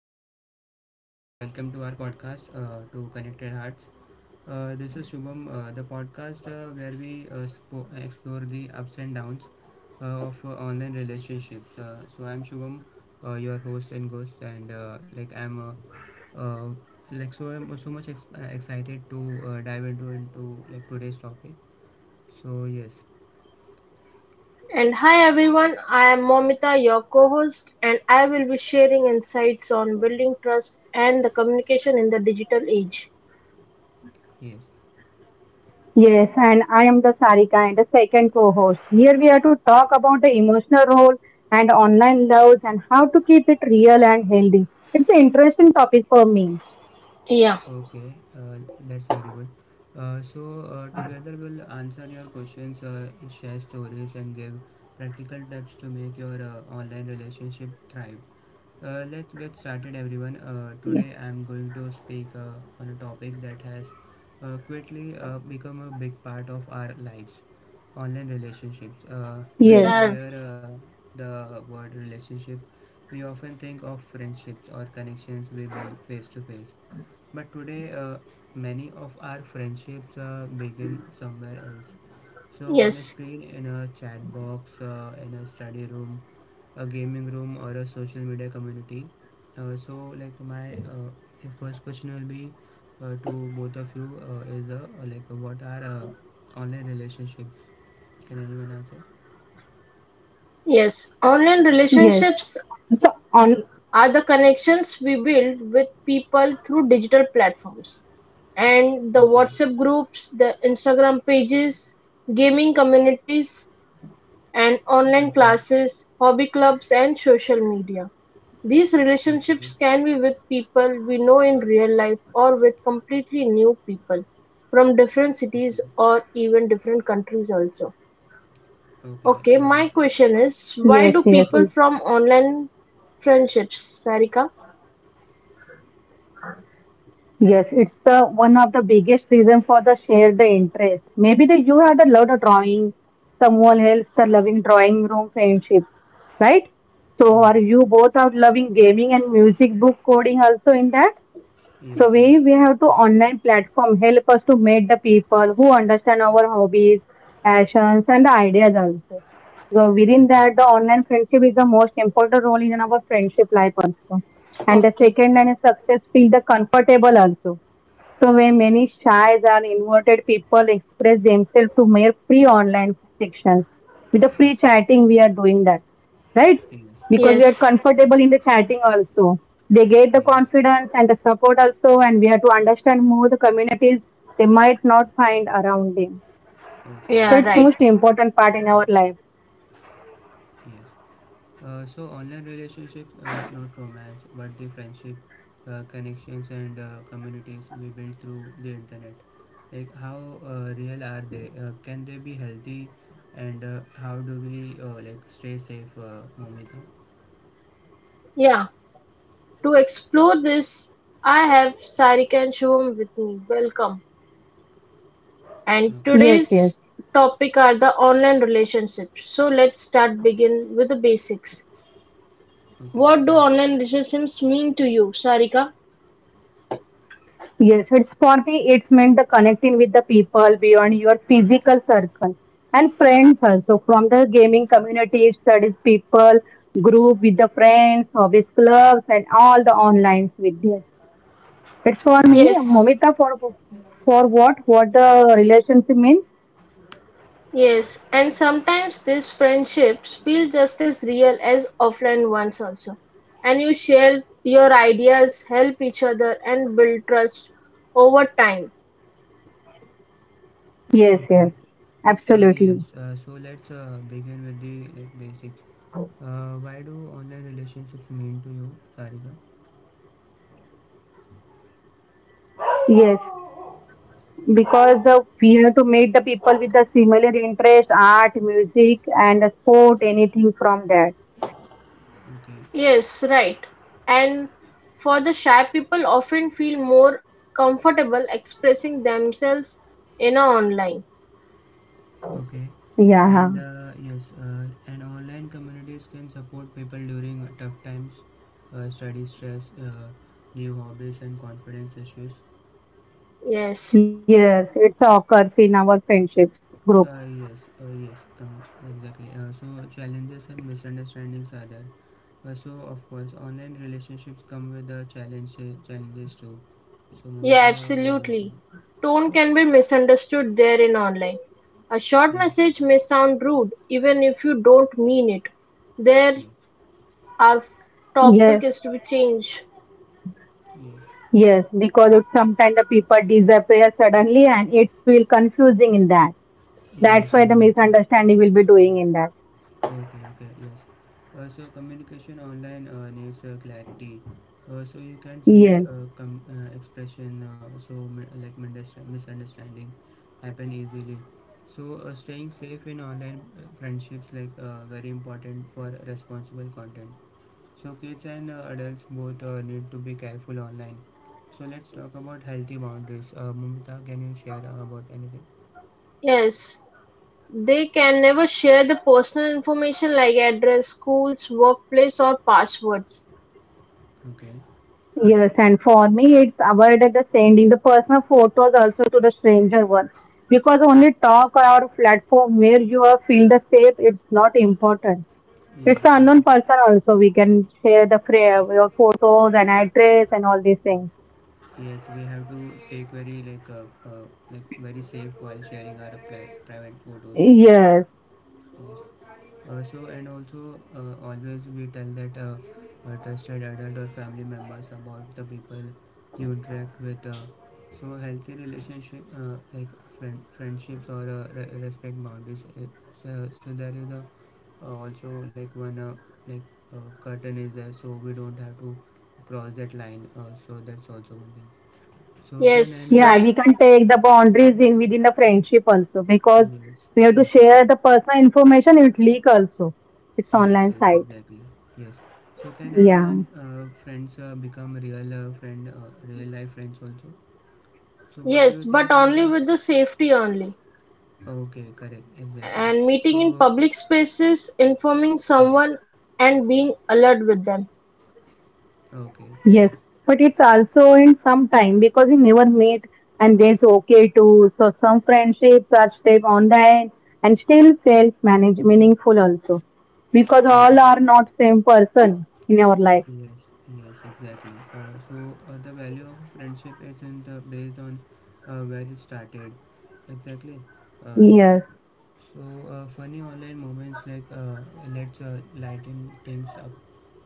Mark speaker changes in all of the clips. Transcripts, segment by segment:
Speaker 1: afternoon. Welcome to our podcast to Connected Hearts. This is Shubham, the podcast where we explore the ups and downs of online relationships. So I'm Shubham, your host and ghost, and like I'm like so I'm so much excited to dive into like today's topic. So yes,
Speaker 2: And hi everyone, I am Momita, your co host, and I will be sharing insights on building trust and the communication in the digital age.
Speaker 1: yes.
Speaker 3: Yes, and I am the Sarika and the second co-host. Here we are to talk about the emotional role and online loves and how to keep it real and healthy. It's an interesting topic for me.
Speaker 2: Yeah,
Speaker 1: Okay, that's very good. So, together we'll answer your questions, share stories, and give practical tips to make your online relationship thrive. Let's get started, everyone.
Speaker 3: Ye-
Speaker 1: Today, I'm going to speak on a topic that has quickly become a big part of our lives, online relationships. When we
Speaker 3: Yes,
Speaker 1: hear
Speaker 2: yes,
Speaker 1: uh, the word relationship, we often think of friendships or connections we build face to face, but today, many of our friendships begin somewhere else. So, on a
Speaker 2: yes,
Speaker 1: screen, in a chat box, in a study room, a gaming room, or a social media community. So, like my first question will be to both of you is like what are online relationships? Can anyone answer?
Speaker 2: yes. Online
Speaker 3: yes.
Speaker 2: relationships
Speaker 3: So on
Speaker 2: are the connections we build with people through digital platforms. And the
Speaker 1: Okay.
Speaker 2: WhatsApp groups, the Instagram pages, gaming communities, and online
Speaker 1: Okay.
Speaker 2: classes, hobby clubs and social media. These
Speaker 1: Okay.
Speaker 2: relationships can be with people we know in real life or with completely new people from different
Speaker 1: Okay.
Speaker 2: cities or even different countries also.
Speaker 1: Okay.
Speaker 2: Okay, my question is why
Speaker 3: yes,
Speaker 2: do
Speaker 3: yes,
Speaker 2: people
Speaker 3: yes.
Speaker 2: from online friendships, Sarika?
Speaker 3: Yes, it's the one of the biggest reason for the share the interest. Maybe that you had a love of drawing, someone else the loving drawing room friendship, right? So are
Speaker 1: Yes.
Speaker 3: you both are loving gaming and music book coding also in that?
Speaker 1: Yes.
Speaker 3: So we
Speaker 1: Yes.
Speaker 3: we have to online platform help us to meet the people who understand our hobbies, passions, and the ideas also. So within
Speaker 1: Okay.
Speaker 3: that, the online friendship is the most important role in our friendship life also. And the
Speaker 2: Okay.
Speaker 3: second, and success feel the comfortable also. So when many shies and inverted people express themselves to mere free online sections. With the free
Speaker 1: Okay.
Speaker 3: chatting, we are doing that, right?
Speaker 1: Yes.
Speaker 3: Because we
Speaker 1: Yes.
Speaker 3: are
Speaker 2: Yes.
Speaker 3: comfortable in the chatting also. They get the
Speaker 1: Means.
Speaker 3: confidence and the support also, and we have to understand more the communities they might not find around them.
Speaker 1: Okay.
Speaker 3: So
Speaker 2: Yeah,
Speaker 3: it's
Speaker 1: Yes.
Speaker 2: right.
Speaker 3: most important part in our
Speaker 1: Correct.
Speaker 3: life.
Speaker 1: Yes. So online relationships, not romance but the friendship connections and communities we build through the internet. Like how real are they? Can they be healthy, and how do we like stay safe, Momita?
Speaker 2: Yeah. To explore this, I have Sarika and Shubham with me. Welcome. And
Speaker 1: Okay.
Speaker 3: Yes, yes.
Speaker 2: today's topic are the online relationships. So let's start begin with the basics.
Speaker 1: Okay.
Speaker 2: What do
Speaker 1: Yes.
Speaker 2: online relationships mean to you, Sarika?
Speaker 3: Yes, it's for me, it's meant the connecting with the people beyond your physical circle and friends also from the gaming community, studies people, group with the friends, hobbies clubs, and all the onlines with there. It's for
Speaker 1: Yes.
Speaker 3: me,
Speaker 2: Yes,
Speaker 3: Momita, for what? What the relationship means?
Speaker 2: yes, and sometimes these friendships feel just as real as offline ones also. And you share your ideas, help each other, and build trust over time.
Speaker 3: Yes,
Speaker 1: Okay.
Speaker 3: yes, absolutely.
Speaker 1: Yes. So let's begin with the like basics. Why do online relationships mean to you, Sarika?
Speaker 3: Yes, because the we have to meet the people with the similar interest, art, music, and the sport, anything from that.
Speaker 1: Okay.
Speaker 2: Yes, right. And for the shy people often feel more comfortable expressing themselves in a online.
Speaker 1: Okay, and
Speaker 3: Yeah.
Speaker 1: yes, and online communities can support people during tough times, study stress, new hobbies, and confidence issues.
Speaker 2: Yes.
Speaker 3: Yes, it occurs in our friendships group.
Speaker 1: Yes, yes, come, exactly. So challenges and misunderstandings are there. So of course, online relationships come with the challenges too. So,
Speaker 2: Yeah,
Speaker 1: Movita, what do you think?
Speaker 2: absolutely. Tone can be misunderstood there in online. A short message
Speaker 1: Yes,
Speaker 2: may sound rude even if you don't mean it. There
Speaker 1: yes,
Speaker 2: our f-
Speaker 3: Yes,
Speaker 2: topic is to be changed.
Speaker 1: yes,
Speaker 3: yes, because it's sometimes the people disappear suddenly and it feel confusing in that. That's
Speaker 1: yes,
Speaker 3: why the
Speaker 1: exactly.
Speaker 3: misunderstanding will be doing in that.
Speaker 1: Okay, okay, yes. So communication online needs clarity. So you can see,
Speaker 3: Yes,
Speaker 1: expression, so like misunderstanding happen easily. So, staying safe in online friendships, like, very important for responsible content. So kids and adults both need to be careful online. So let's talk about healthy boundaries. Mumita, can you share about anything?
Speaker 2: Yes. They can never share the personal information like address, schools, workplace or passwords.
Speaker 1: Okay. Yes.
Speaker 3: yes, and for me, it's avoided the sending the personal photos also to the stranger one because only talk or platform where you are feel the safe. It's not important.
Speaker 1: Yes.
Speaker 3: It's an
Speaker 1: Exactly.
Speaker 3: unknown person also. We can share the your photos and address and all these things.
Speaker 1: Yes, we have to take very, like, uh, like very safe while sharing our private photos or something.
Speaker 3: Yes.
Speaker 1: So and also always we tell that trusted adult or family members about the people you interact with. So healthy relationship, like friendships or respect boundaries. So there is a, also like one, like curtain is there, so we don't have to cross that line. So that's also one thing. So can
Speaker 2: Yes,
Speaker 1: any.
Speaker 3: Yeah,
Speaker 2: right.
Speaker 3: we can take the boundaries in within the friendship also because
Speaker 1: Yes.
Speaker 3: we have
Speaker 1: Yeah.
Speaker 3: to share the personal information. It leak also. It's
Speaker 1: Yes,
Speaker 3: online
Speaker 1: yes,
Speaker 3: sites.
Speaker 1: exactly. Yes. So can
Speaker 3: Yeah.
Speaker 1: online friends become real life friends also? So what do you
Speaker 2: Yes,
Speaker 1: think?
Speaker 2: but
Speaker 1: Can
Speaker 2: only with the safety only.
Speaker 1: Okay, correct, exactly.
Speaker 2: And meeting in
Speaker 1: So,
Speaker 2: public spaces, informing
Speaker 1: mm,
Speaker 2: someone and being alert with them.
Speaker 1: okay, sure.
Speaker 3: Yes, but it's also in some time because we never meet and that's okay too. So some friendships are stayed online and still feels manage meaningful also because
Speaker 1: Yes,
Speaker 3: all are not same person in our life.
Speaker 1: yes, yes, exactly. So, the value of friendship isn't based on where it started. Exactly. Yes.
Speaker 3: Yes.
Speaker 1: So, funny online moments, like, let's lighten things up.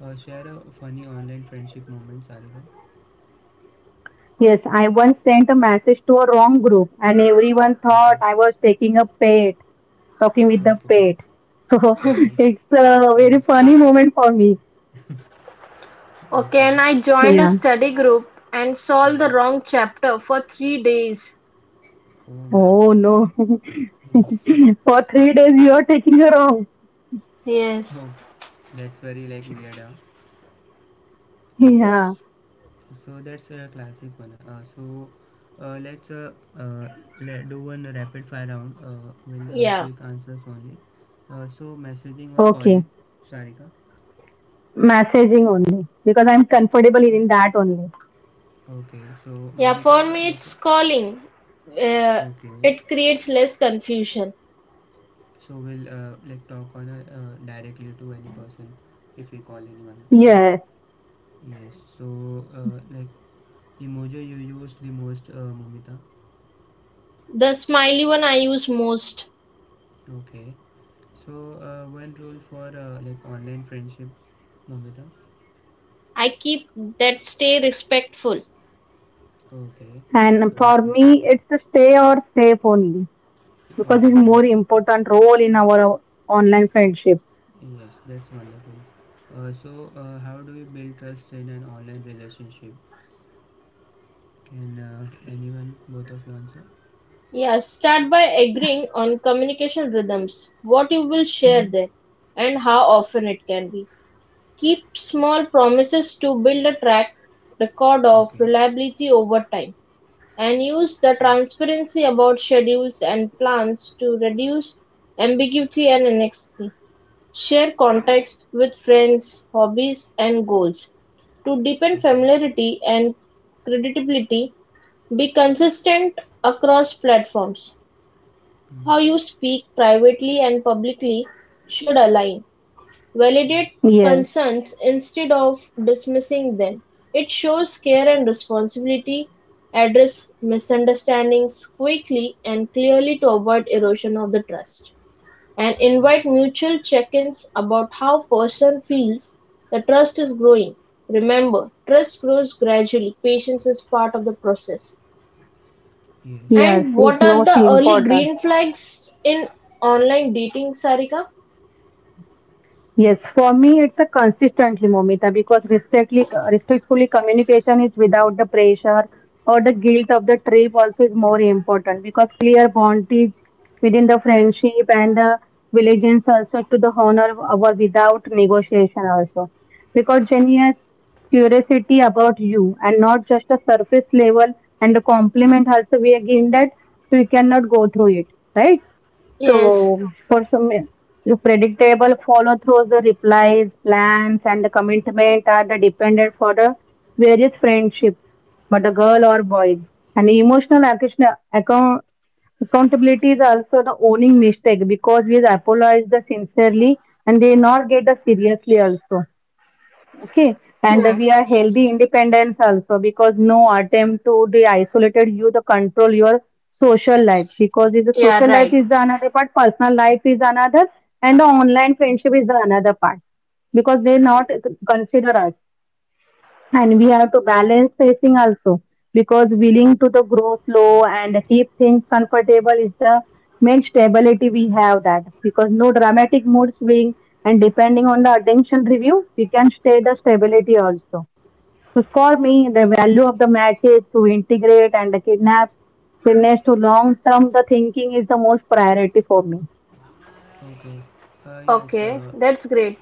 Speaker 1: Share a funny online friendship moment, Sarika.
Speaker 3: Yes, I once sent a message to a wrong group and everyone
Speaker 1: Okay,
Speaker 3: thought I was taking a pet, talking with
Speaker 1: okay,
Speaker 3: the pet. So
Speaker 1: okay.
Speaker 3: it's a very
Speaker 1: Yes,
Speaker 3: funny moment for me.
Speaker 2: Okay, and
Speaker 1: okay.
Speaker 2: I joined a
Speaker 3: Yeah.
Speaker 2: study group and solved the
Speaker 1: Yes.
Speaker 2: wrong chapter for 3 days.
Speaker 1: Oh my
Speaker 3: Oh
Speaker 1: God.
Speaker 3: no.
Speaker 1: Yes.
Speaker 3: For 3 days you are taking her off.
Speaker 2: Yes.
Speaker 1: Oh, that's very, like, weird. Huh? Yes.
Speaker 3: Yeah.
Speaker 2: Yes.
Speaker 1: So that's a classic one. So uh, let's uh, uh, let do one rapid fire round. Will,
Speaker 2: Yeah.
Speaker 1: quick answers only. So, messaging or calling,
Speaker 3: Okay.
Speaker 1: Sarika.
Speaker 3: Messaging only because I'm comfortable in that only.
Speaker 1: Okay, so
Speaker 2: Yeah, for
Speaker 1: Momita,
Speaker 2: me
Speaker 1: like.
Speaker 2: it's calling. Uh,
Speaker 1: Okay,
Speaker 2: it creates less confusion.
Speaker 1: so we'll like talk on a, directly to any person if we call anyone, correct?
Speaker 3: Yes.
Speaker 1: Yes. So, like, emoji you use the most, Momita.
Speaker 2: The smiley one I use most.
Speaker 1: Okay. So, one rule for like online friendship, Momita.
Speaker 2: I keep that stay respectful.
Speaker 1: Okay.
Speaker 3: And
Speaker 1: So
Speaker 3: for me, it's the stay or safe only because it's
Speaker 1: okay,
Speaker 3: more
Speaker 1: that's,
Speaker 3: important role in our online friendship.
Speaker 1: yes, that's wonderful. So, how do we build trust in an online relationship? Can anyone, both of you answer?
Speaker 2: Yeah, start by agreeing on communication rhythms, what you will share there, and how often it can be. Keep small promises to build a track record of
Speaker 1: Okay.
Speaker 2: reliability over time, and use the
Speaker 1: Yes.
Speaker 2: transparency about schedules and plans to reduce ambiguity and annexity. Share context with friends, hobbies, and goals. To deepen
Speaker 1: Okay.
Speaker 2: familiarity and credibility, be consistent across platforms,
Speaker 1: Mm.
Speaker 2: how you speak privately and publicly should align. Validate
Speaker 1: Yes.
Speaker 3: Yes.
Speaker 2: concerns instead of dismissing them. It shows care and responsibility. Address misunderstandings quickly and clearly to avoid erosion of the trust. And
Speaker 1: Yes.
Speaker 2: invite mutual check ins about how person feels the trust is growing. Remember, trust grows gradually. Patience is part of the process.
Speaker 1: Yes.
Speaker 3: Yes.
Speaker 2: And what
Speaker 3: It's
Speaker 2: are
Speaker 3: most
Speaker 2: the early
Speaker 3: important.
Speaker 2: green flags in online dating, Sarika?
Speaker 3: Yes, for me it's a consistently, Momita, because respectfully communication is without the pressure or the guilt of the trip also is more important because clear boundaries within the friendship and the allegiance also to the honor our without negotiation also. Because genuine curiosity about you and not just a surface level and the compliment also we are given that we cannot go through it, right?
Speaker 2: Yes,
Speaker 3: So, for some, the predictable follow throughs, the replies, plans, and the commitment are the dependent for the various friendship, but the girl or boys. And emotional accountability is also the owning mistake because we apologize the sincerely and they not get the seriously also. Okay, and
Speaker 2: hmm,
Speaker 3: we are healthy
Speaker 2: yes.
Speaker 3: independence also because no attempt to the isolated you the control your social life because if the
Speaker 2: Yeah,
Speaker 3: social life
Speaker 2: right.
Speaker 3: is the another part, personal life is another, and the online friendship is the another part because they not consider us and we have to balance pacing also because willing to the grow slow and keep things comfortable is the main stability we have that because no dramatic mood swing and depending on the attention review we can stay the stability also. So for me, the value of the match is to integrate and the kidnaps fitness to long term the thinking is the most priority for me.
Speaker 1: Okay. Yes,
Speaker 2: Okay, that's great.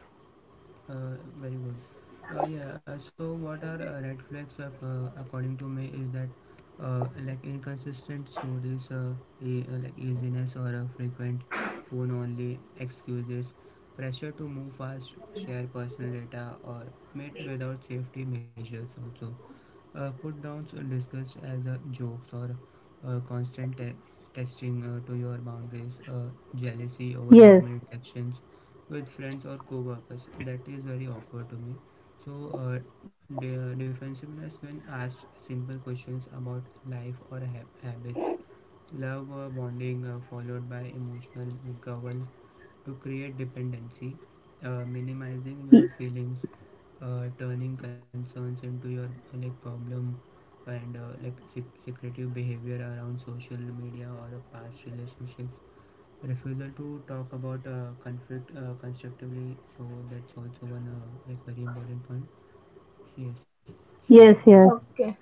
Speaker 1: very good. Yeah, so what are red flags, according to me is that like inconsistent stories, like easiness or frequent phone only excuses, pressure to move fast, share personal data, or meet without safety measures also. Put downs discussed as jokes or constant testing to your boundaries, jealousy over
Speaker 3: Yes,
Speaker 1: normal interactions with friends or co workers. That is very awkward to me. So, defensiveness when asked simple questions about life or habits, love bonding followed by emotional withdrawal to create dependency, minimizing your feelings, turning concerns into your like problem, and like secretive behavior around social media or past relationships, refusal to talk about conflict constructively. So that's also one like very important point. Yes. So
Speaker 3: yes,
Speaker 1: yes,
Speaker 3: yes.
Speaker 2: Okay.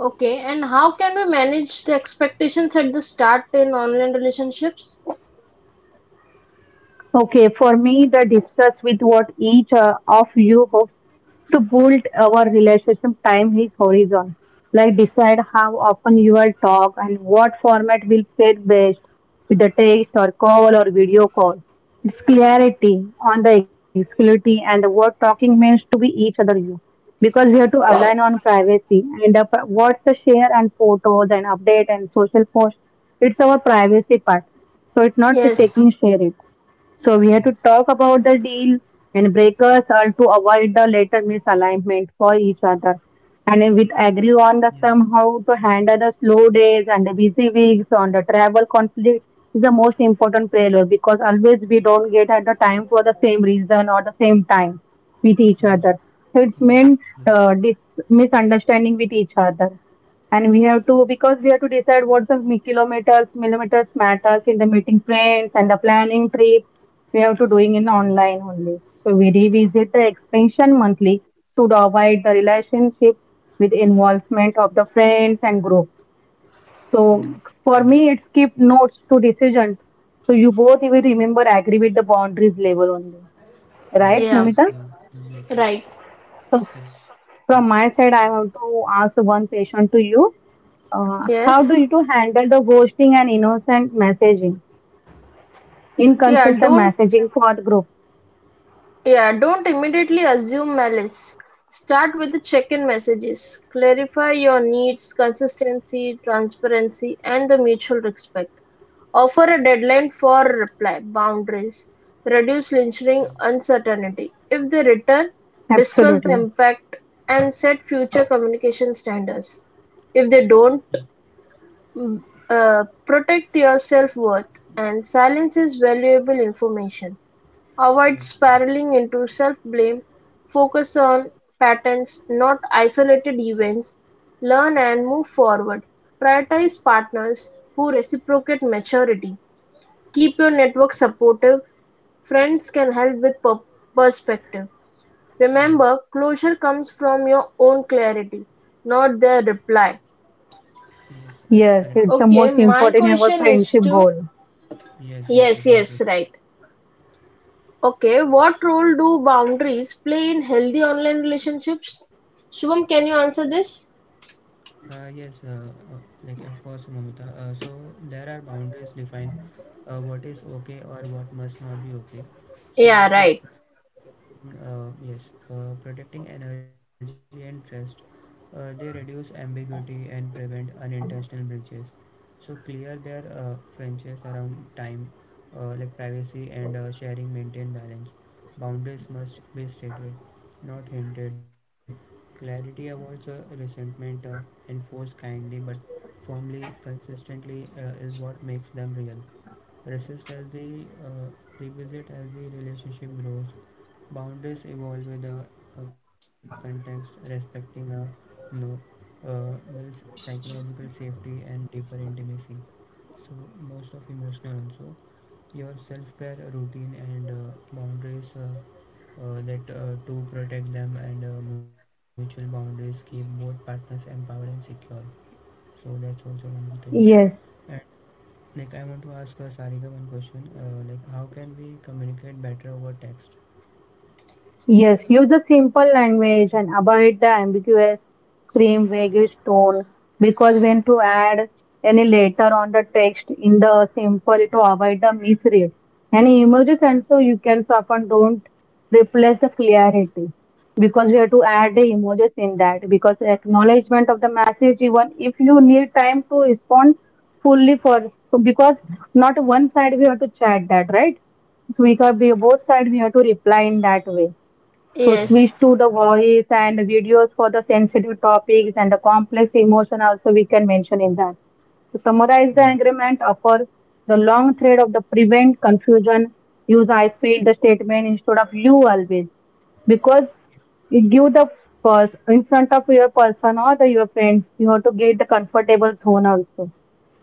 Speaker 2: Okay, and how can we manage the expectations at the start in online relationships?
Speaker 3: Okay, for me, the discuss with what each of you hopes to build our relationship time is horizon. Like decide how often you will talk and what format will fit best with the text or call or video call. It's clarity on the exclusivity and what talking means to be each other you. Because we have to align on privacy and what's the share and photos and update and social post. It's our privacy part. So it's not
Speaker 1: yes,
Speaker 2: Yes,
Speaker 3: taking share it. So we have to
Speaker 1: yes,
Speaker 3: talk about the deal and breakers are to avoid the later misalignment for each other. And if we agree
Speaker 1: yes,
Speaker 3: on the somehow to handle the slow days and the busy weeks on the travel conflict is the most important failure because always we don't get at the time for the same reason or the same time with each other.
Speaker 1: yes,
Speaker 3: So it's
Speaker 1: exactly,
Speaker 3: meant misunderstanding with each other. And we have to, because we have to decide what the kilometers, millimeters matters in the meeting plans and the planning trip. We have to doing in
Speaker 1: exactly.
Speaker 3: online only. So we revisit the extension monthly to avoid the relationship with involvement of the friends and group. So
Speaker 1: Yes,
Speaker 3: for
Speaker 1: yeah,
Speaker 3: me, it's keep notes to decision. So you both will remember agree with the boundaries level only, right,
Speaker 1: yes,
Speaker 2: yeah,
Speaker 3: Mumita?
Speaker 1: yes, yeah, exactly,
Speaker 2: right.
Speaker 3: So
Speaker 1: correct,
Speaker 3: from my side, I have to ask one question to you. Uh, how
Speaker 2: Yes.
Speaker 3: do you handle the ghosting and innocent messaging,
Speaker 2: Yeah,
Speaker 3: inconsistent
Speaker 2: don't
Speaker 3: messaging for the group?
Speaker 2: Yeah, don't immediately assume malice. Start with the check-in messages. Clarify your needs, consistency, transparency, and the mutual respect. Offer a deadline for reply, boundaries. Reduce lingering
Speaker 1: yeah,
Speaker 2: uncertainty. If they return, discuss the
Speaker 3: Absolutely.
Speaker 2: impact and set future communication standards. If
Speaker 1: correct,
Speaker 2: they don't,
Speaker 1: yeah,
Speaker 2: mm, protect your self worth, and silence is valuable information. Avoid
Speaker 1: yes,
Speaker 2: spiraling into self-blame, focus on patterns not isolated events, learn and move forward, prioritize partners who reciprocate maturity, keep your network supportive, friends can help with perspective.
Speaker 1: yes, yes.
Speaker 2: Remember, closure comes from your own clarity, not their reply.
Speaker 1: Yes,
Speaker 3: Yes,
Speaker 1: correct.
Speaker 3: it's the
Speaker 2: Okay,
Speaker 3: most
Speaker 2: my
Speaker 3: important in our
Speaker 2: question is
Speaker 3: friendship
Speaker 2: to
Speaker 3: goal.
Speaker 1: Yes, yes,
Speaker 2: yes, yes,
Speaker 1: exactly.
Speaker 2: right. Okay, what role do boundaries play in healthy online relationships? Shubham, can you answer this?
Speaker 1: Yes, like of course, Momita. So there are boundaries defined, what is okay or what must not be okay. So,
Speaker 2: Yeah,
Speaker 1: like,
Speaker 2: right.
Speaker 1: protecting, yes, protecting energy and trust, they reduce ambiguity and prevent unintentional breaches. So clear their fringes around time, like privacy, and sharing maintain balance. Boundaries must be stated, not hinted. Clarity avoids resentment, and force kindly but firmly, consistently is what makes them real. Resist as they Revisit as the relationship grows. Boundaries evolve with the context, respecting a no builds psychological safety and deeper intimacy. So most of emotional also. Your self-care routine and boundaries. That to protect them, and mutual boundaries keep both partners empowered and secure. So that's also one thing.
Speaker 3: Yes.
Speaker 1: And, like, I want to ask Sarika one question. Like how can we communicate better over text?
Speaker 3: Yes, use a simple language and avoid the ambiguous, scream, vaguish tone because when to add any letter on the text in the simple to avoid the misread. And emojis and so you can so often don't replace the clarity because we have to add the emojis in that because acknowledgement of the message even if you need time to respond fully for because not one side we have to chat that right. So we can be both sides we have to reply in that way so switch
Speaker 2: Yes,
Speaker 1: Yes.
Speaker 3: to the voice and videos for the sensitive topics and the complex emotion also we can mention in that. To summarize
Speaker 1: Yes.
Speaker 3: the agreement, offer the long thread of the prevent confusion, use I feel the statement instead of you always. Because it give the person in front of your person or the your friends, you have to get the comfortable zone also.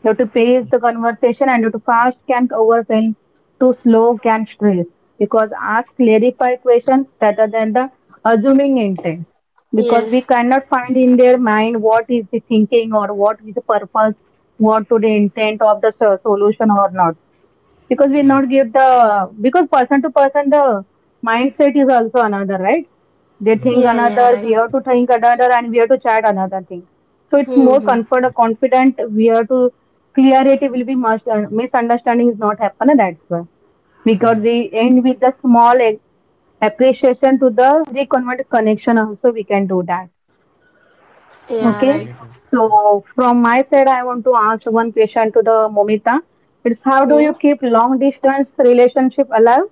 Speaker 3: You have to pace the conversation and you have to fast can overwhelm, too slow can stress because ask clarify question rather than the assuming intent because we
Speaker 2: yes,
Speaker 3: cannot find in their mind what is the thinking or what is the purpose what to the intent of the solution or not because we
Speaker 1: Yes.
Speaker 3: not give the because person to person the mindset is also another right they
Speaker 1: Yes.
Speaker 3: think
Speaker 2: yeah, yeah,
Speaker 3: another we
Speaker 2: right.
Speaker 3: have to think another and we have to chat another thing so it's more
Speaker 1: Yes.
Speaker 2: Mm-hmm.
Speaker 3: comfort confident we have to clarity will be much misunderstanding is not happen and that's why we got
Speaker 1: Yes.
Speaker 3: the end with the small appreciation to the reconvert connection also we can do that.
Speaker 1: Yes. Very true.
Speaker 2: Yeah,
Speaker 3: Okay,
Speaker 2: right.
Speaker 1: Sar-
Speaker 3: so from my side I want to ask one question to the Momita. It's how do
Speaker 2: Hmm.
Speaker 3: you keep long distance relationship alive?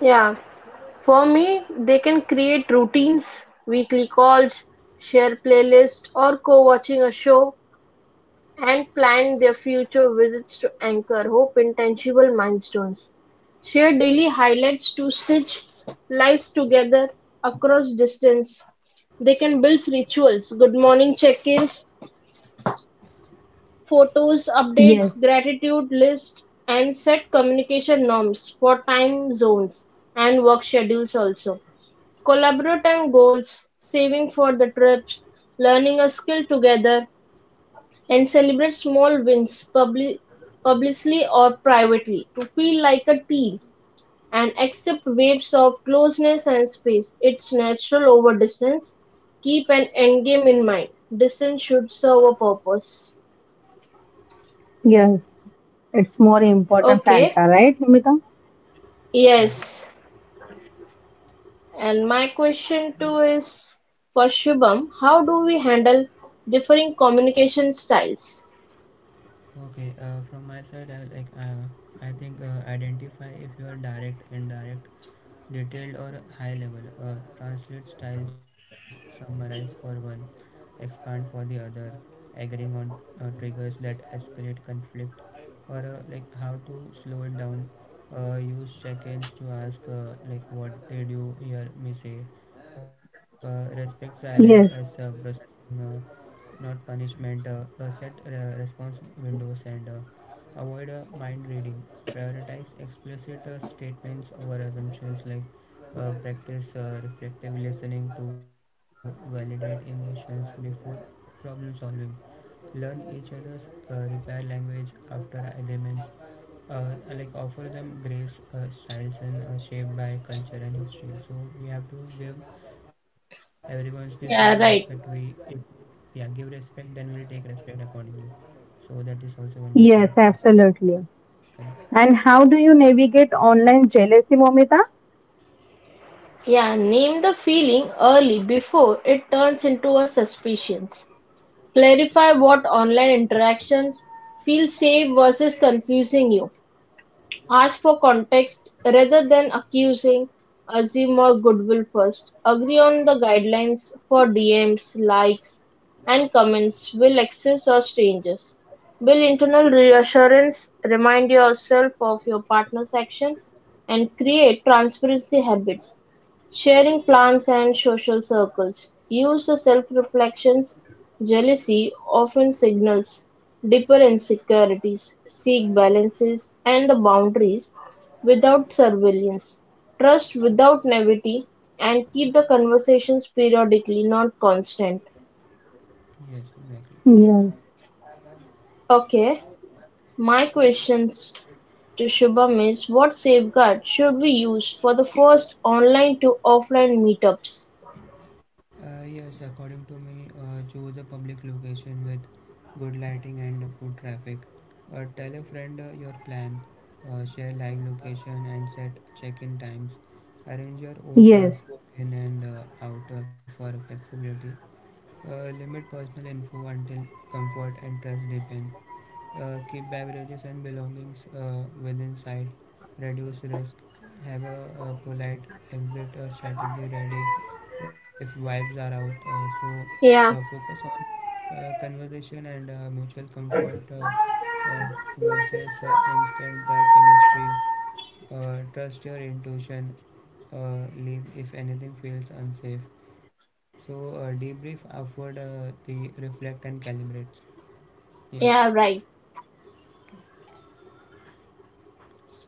Speaker 2: Yeah, for me, they can create routines, weekly calls, share playlist, or co-watching a show and plan their future visits to anchor hope in tangible milestones. Share daily highlights to stitch lives together across distance. They can build rituals, good morning check ins, photos, updates,
Speaker 3: Yes,
Speaker 2: gratitude lists, and set communication norms for time zones and work schedules also. Collaborate on goals, saving for the trips, learning a skill together, and celebrate small wins, publicly or privately, to feel like a team and accept waves of closeness and space. It's natural over distance. Keep an end game in mind. Distance should serve a purpose.
Speaker 3: yes, it's more
Speaker 1: Yes.
Speaker 2: Okay,
Speaker 3: important factor right Momita.
Speaker 2: yes.
Speaker 1: Correct.
Speaker 2: And my question too is for Shubham, how do we handle differing communication styles?
Speaker 1: Okay. From my side, I think, identify if your direct, indirect, detailed or high level, or translate styles, summarize for one, expand for the other, agreeing on triggers that escalate conflict, or like how to slow it down, use check-ins to ask, like what did you hear me say, respect silence as
Speaker 3: Yes,
Speaker 1: processing. Uh, Not punishment. Set response windows, and avoid mind reading. Prioritize explicit statements over assumptions, like, practice reflective listening to validate emotions before problem solving. Learn each other's repair language after agreements. Like offer them grace, styles and shaped by culture and history. So we have to give everyone's the same respect
Speaker 2: Yeah,
Speaker 1: we
Speaker 2: right.
Speaker 1: if, yeah, give respect then we'll take respect accordingly. So that is also one good
Speaker 3: yes,
Speaker 1: point.
Speaker 3: absolutely.
Speaker 1: Correct.
Speaker 3: And how do you navigate online jealousy Momita?
Speaker 2: Yeah, name the feeling early before it turns into a suspicion. Clarify what online interactions feel safe versus confusing you. Ask for context rather than accusing, assume a goodwill first. Agree on the guidelines for DMs, likes, and comments. Will access or strangers? Build internal reassurance remind yourself of your partner's action and create transparency habits? Sharing plans and social circles. Use the self reflections. Jealousy often signals deeper insecurities seek balances and the boundaries without surveillance, trust without naivety, and keep the conversations periodically, not constant.
Speaker 1: Yes. Exactly.
Speaker 3: Yes,
Speaker 2: Okay, my questions to Shubham is what safeguard should we use for the first online to offline meetups?
Speaker 1: Yes, according to me, choose a public location with good lighting and good traffic. Tell a friend your plan. Share live location and set check-in times, arrange your own
Speaker 3: yes.
Speaker 1: transport in and out for flexibility, limit personal info until comfort and trust deepen, keep beverages and belongings within sight, reduce risk, have a polite exit strategy ready if vibes are out. So,
Speaker 2: Yeah,
Speaker 1: focus on conversation and mutual comfort versus instant chemistry. Trust your intuition. Leave if anything feels unsafe. So, debrief afterward, the reflect and calibrate. Yes.
Speaker 2: yeah, right.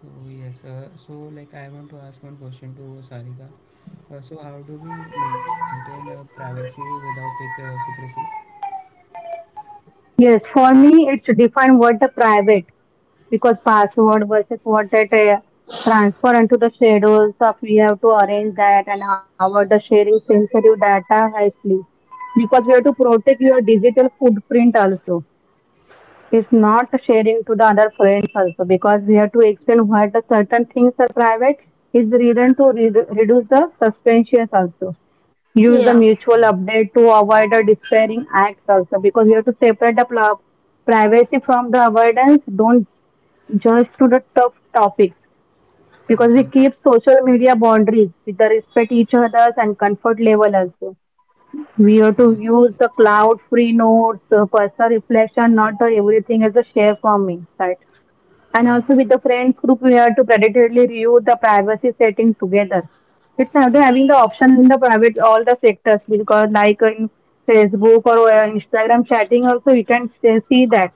Speaker 1: So, yes, like I want to ask one question to Sarika. So how do we maintain privacy without secrecy?
Speaker 3: Yes, for me, it's define what the private because password versus what that transfer into the shadows of we have to arrange that and how the sharing sensitive data hastily because we have to protect your digital footprint also. It's not sharing to the other friends also because we have to explain why the certain things are private is the reason to re reduce the suspensions also. Use the
Speaker 1: Yes.
Speaker 2: Yeah,
Speaker 3: mutual update to avoid the despairing acts also because you have to separate the privacy from the avoidance. Don't judge to the tough topics because we
Speaker 1: Okay.
Speaker 3: keep social media boundaries with the respect each other's and comfort level also.
Speaker 1: Yes.
Speaker 3: We have to use the cloud free notes, the personal reflection, not the everything as a share for me. And also
Speaker 1: Yes.
Speaker 3: with the friends group, we have to predatorily review the privacy setting together. It's another having the option in the private all the sectors because like in Facebook or Instagram chatting also you can still see that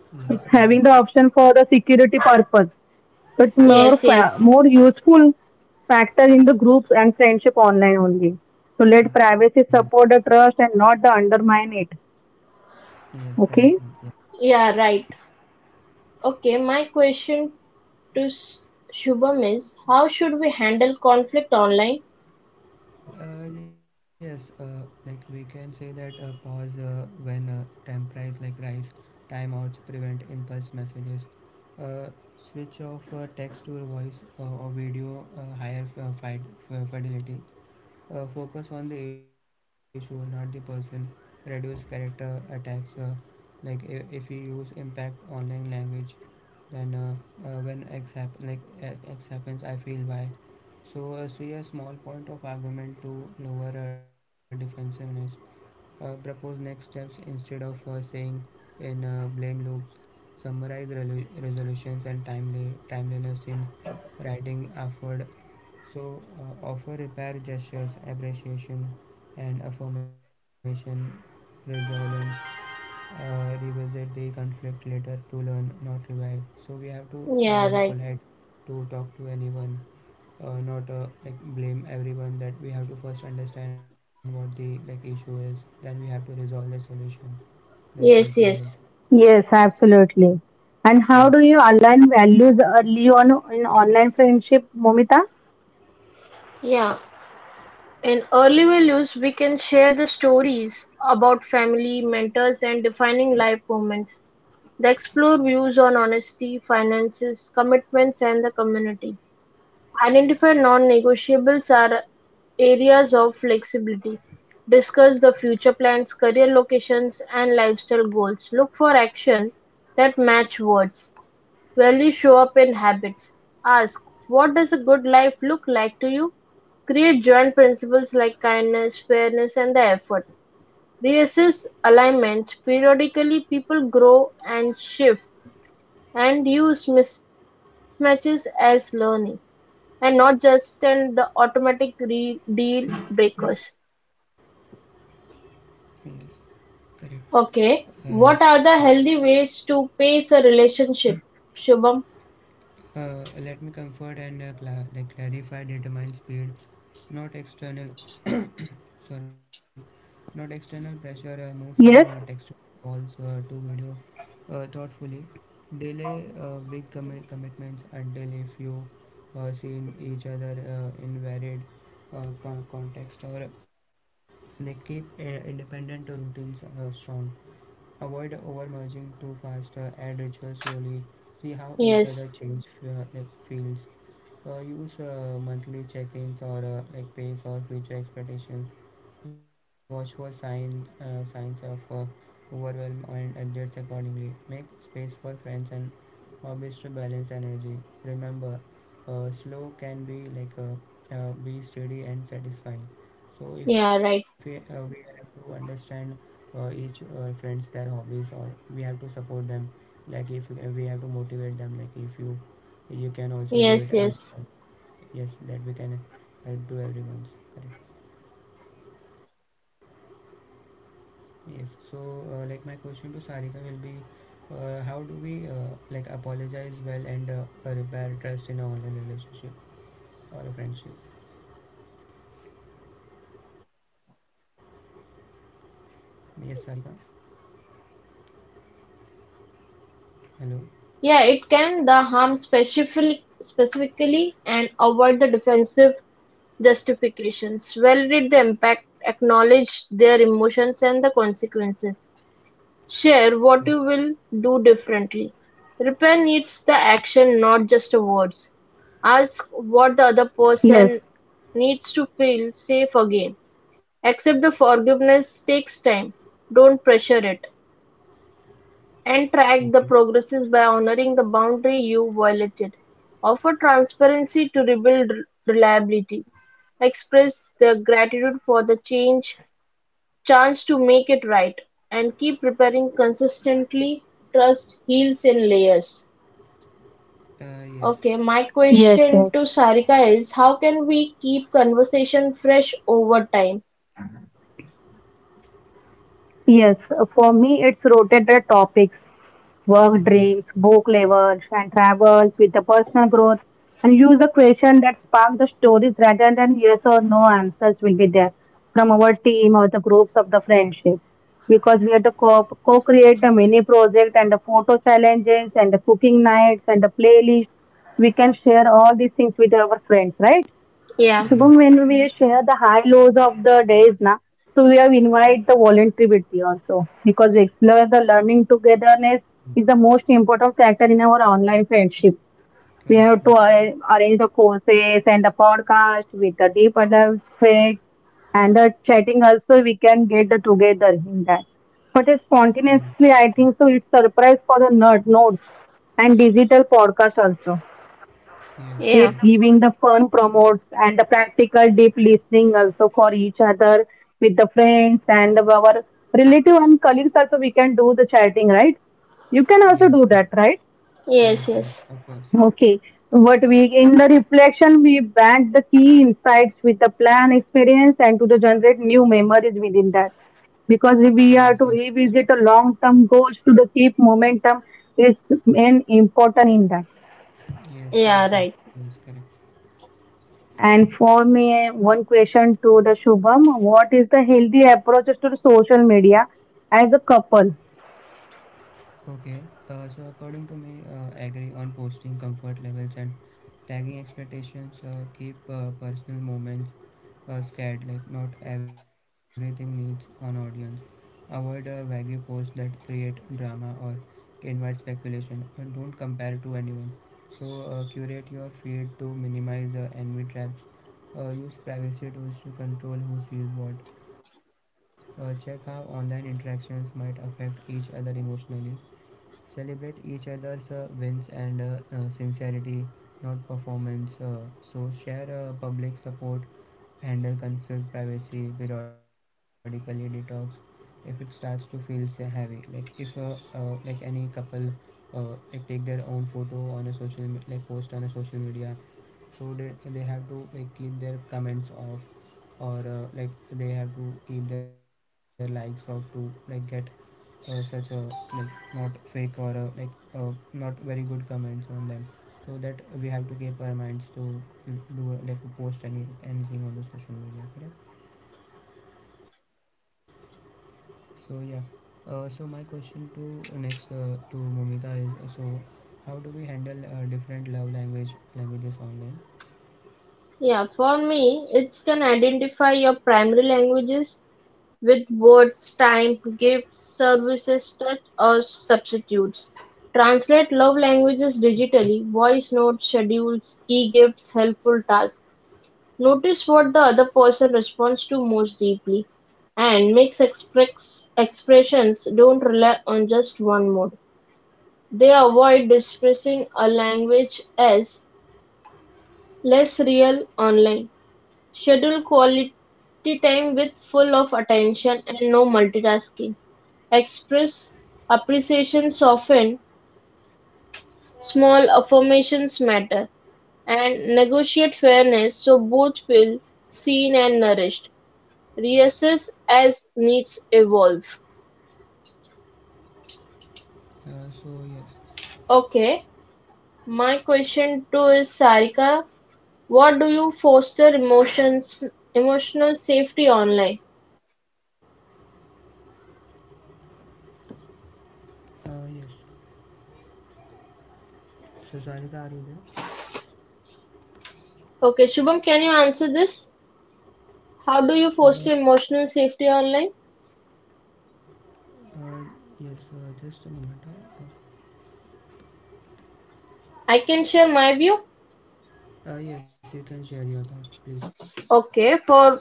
Speaker 1: Yes.
Speaker 3: it's
Speaker 1: Exactly.
Speaker 3: having the option for the security purpose. It's
Speaker 1: Yes.
Speaker 2: yes, yes.
Speaker 3: more useful factor in the groups and friendship online only. So let
Speaker 1: Yes.
Speaker 3: privacy support the trust and not the undermine it.
Speaker 1: Yes. Correct one.
Speaker 3: Okay.
Speaker 1: Yeah.
Speaker 2: Yeah, right. Okay, my question to Shubham is how should we handle conflict online?
Speaker 1: Yes. Like we can say that, pause when time price like rise, timeouts prevent impulse messages. Uh, Switch off text to voice or video, higher fidelity, focus on the issue, not the person, reduce character attacks. Like if, we use impact online language, then when x x happens, I feel y. So see a small point of argument to lower defensiveness, propose next steps instead of saying in blame loops, summarize resolutions and timely timeliness in writing afford. So, offer repair gestures, appreciation, and affirmation, resilience. Revisit the conflict later to learn, not revive. So, we have to very
Speaker 2: Yeah, right.
Speaker 1: polite to talk to anyone, not like blame everyone. That we have to first understand what the like issue is, then we have to resolve the solution. That's also one
Speaker 2: Yes,
Speaker 1: good.
Speaker 2: yes.
Speaker 3: Yes, absolutely. And
Speaker 1: Yeah.
Speaker 3: how do you align values early on in online friendship, Momita?
Speaker 2: Yeah. In early values, we can share the stories about family, mentors, and defining life moments. They explore views on honesty, finances, commitments, and the community. Identify non negotiables are areas of flexibility. Discuss the future plans, career locations, and lifestyle goals. Look for action that match words. Values show up in habits. Ask, what does a good life look like to you? Create joint principles like kindness, fairness, and the effort. Reassess alignment. Periodically, people grow and shift and use mismatches as learning and not just in the automatic deal breakers.
Speaker 1: Yes, correct. Uh, yeah.
Speaker 2: Okay, what are the healthy ways to pace a relationship, Shubham?
Speaker 1: Let me comfort and clarify determine speed, not external sorry not external pressure. Move from text calls to video thoughtfully. Delay big commitments until if you seen each other in varied context, or they keep independent routines strong. Avoid over merging too fast. Add rituals slowly. See how each other
Speaker 2: Yes,
Speaker 1: change, like feels. Use monthly check-ins or like pace or future expectations. Watch for signs of overwhelm and adjust accordingly. Make space for friends and hobbies to balance energy. Remember, slow can be like be steady and satisfying. So if we,
Speaker 2: yeah, right.
Speaker 1: we have to understand each friends their hobbies, or we have to support them. Like if we have to motivate them. Like if you can also do it,
Speaker 2: Yes,
Speaker 1: and
Speaker 2: yes.
Speaker 1: yes, that we can help to everyone's correct. Yes. So, like my question to Sarika will be, how do we like apologize well and repair trust in a online relationship or a friendship? Yes, Sarika. Hello.
Speaker 2: Yeah, it can the harm specifically and avoid the defensive justifications. Validate the impact, acknowledge their emotions and the consequences. Share
Speaker 1: Oh.
Speaker 2: what you will do differently. Repair needs the action, not just the words. Ask what the other person
Speaker 3: Yes,
Speaker 2: needs to feel safe again. Accept the forgiveness takes time. Don't pressure it and track
Speaker 1: Okay.
Speaker 2: the progresses by honoring the boundary you violated. Offer transparency to rebuild reliability. Express the gratitude for the change, chance to make it right, and keep preparing consistently. Trust heals in layers.
Speaker 1: Yes.
Speaker 2: Okay, my question
Speaker 3: yes,
Speaker 2: to
Speaker 3: yes,
Speaker 2: Sarika is how can we keep conversation fresh over time?
Speaker 3: yes. For me, it's rotated topics,
Speaker 1: Okay.
Speaker 3: work dreams, book levels, and travels with the personal growth, and use the question that spark the stories rather than yes or no answers will be there from our team or the groups of the friendship. Because we have to co-create the mini project and the photo challenges and the cooking nights and the playlist. We can share all these things with our friends, right?
Speaker 2: Yeah,
Speaker 1: Yeah.
Speaker 3: Shubham, when
Speaker 1: Correct.
Speaker 3: we share the high lows of the days, na, so we have invite the voluntarity also because we explore the learning togetherness
Speaker 1: Mm.
Speaker 3: is the most important factor in our online friendship. We
Speaker 1: Correct.
Speaker 3: have to arrange the courses and the podcast with the deep adult threads and the chatting also we can get the together in that. But it's
Speaker 1: Yes. Yes.
Speaker 3: spontaneously, I think so. It's surprise for the nerd nodes and digital podcast also. It
Speaker 1: Yes.
Speaker 3: giving
Speaker 2: yeah,
Speaker 3: the
Speaker 1: Correct.
Speaker 3: fun promotes and the practical deep
Speaker 1: Yes. Yes. Yes.
Speaker 2: yes,
Speaker 1: Yes.
Speaker 2: yes.
Speaker 1: Of course. Yes. Yes. Yeah. Yes. For
Speaker 2: Yeah,
Speaker 1: sure.
Speaker 2: right.
Speaker 1: Yes. Correct. Okay, so according to me, agree on posting comfort levels and tagging expectations. Keep personal moments scared, like not everything needs an audience. Avoid vague posts that create drama or invite speculation, and don't compare to anyone. So curate your feed to minimize the envy traps. Use privacy tools to control who sees what. Check how online interactions might affect each other emotionally. Celebrate each other's wins and sincerity, not performance. So share public support, handle conflict, privacy, periodically detox. If it starts to feel say, heavy, like if like any couple like take their own photo on a like post on a social media, so they have to like keep their comments off, or like they have to keep their likes off to like get such a like not fake, or uh, not very good comments on them, so that we have to keep our minds to do like post anything on the social media correct. So yeah, so my question to next to Momita is, so how do we handle different love languages online?
Speaker 2: Yeah, for me, it can identify your primary languages with words, time, gifts, services, touch, or substitutes. Translate love languages digitally, voice notes, schedules, e gifts, helpful tasks. Notice what the other person responds to most deeply and makes expressions don't rely on just one mode. They avoid dismissing a language as less real online. Schedule quality time with full of attention and no multitasking. Express appreciation often, small affirmations matter, and negotiate fairness so both feel seen and nourished. Reassess as needs evolve.
Speaker 1: uh, so yes
Speaker 2: Okay, my question to is Sarika, what do you foster emotions emotional safety online?
Speaker 1: yes, so Sarika, are you there?
Speaker 2: Okay, Shubham, can you answer this? How do you foster
Speaker 1: uh,
Speaker 2: emotional safety online?
Speaker 1: uh, yes, just a moment.
Speaker 2: I can share my view.
Speaker 1: Uh, yes, you can share your thought, please.
Speaker 2: Okay, for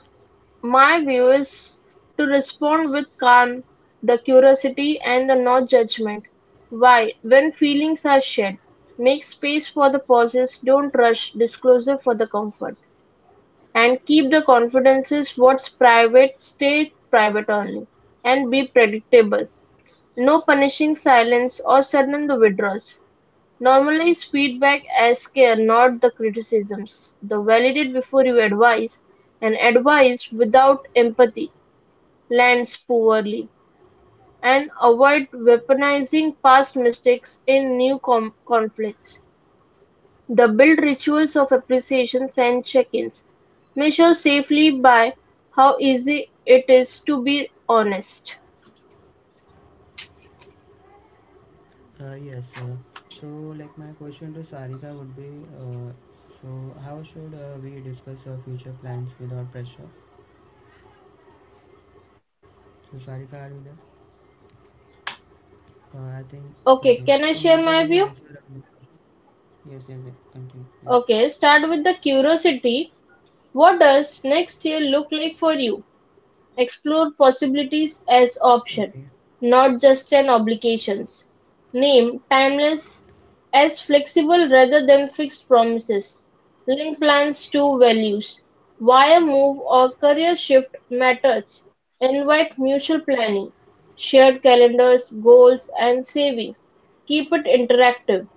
Speaker 2: my view is to respond with calm, the curiosity, and the no judgment. Why? When feelings are shared, make space for the pauses, don't rush disclosure for the comfort, and keep the confidences what's private, stay private only, and be predictable. No punishing silence or sudden the withdrawals. Normally is feedback as care not the criticisms, the validate before you advise, and advice without empathy lands poorly, and avoid weaponizing past mistakes in new conflicts. The build rituals of appreciations and check-ins measure safely by how easy it is to be honest.
Speaker 1: Yes. So, like my question to Sarika would be, uh, so how should we discuss our future plans without pressure? So, Sarika, are you there? I think
Speaker 2: Okay,
Speaker 1: okay.
Speaker 2: can I
Speaker 1: So,
Speaker 2: share
Speaker 1: Mamita,
Speaker 2: my
Speaker 1: can you
Speaker 2: view?
Speaker 1: answer this question? Yes, yes, yes. Continue, please.
Speaker 2: Okay, start with the curiosity. What does next year look like for you? Explore possibilities as
Speaker 1: Okay.
Speaker 2: options, not just an obligations. Name timeless as flexible rather than fixed promises. Link plans to values. Why a move or career shift matters. Invite mutual planning, shared calendars, goals, and savings. Keep it interactive.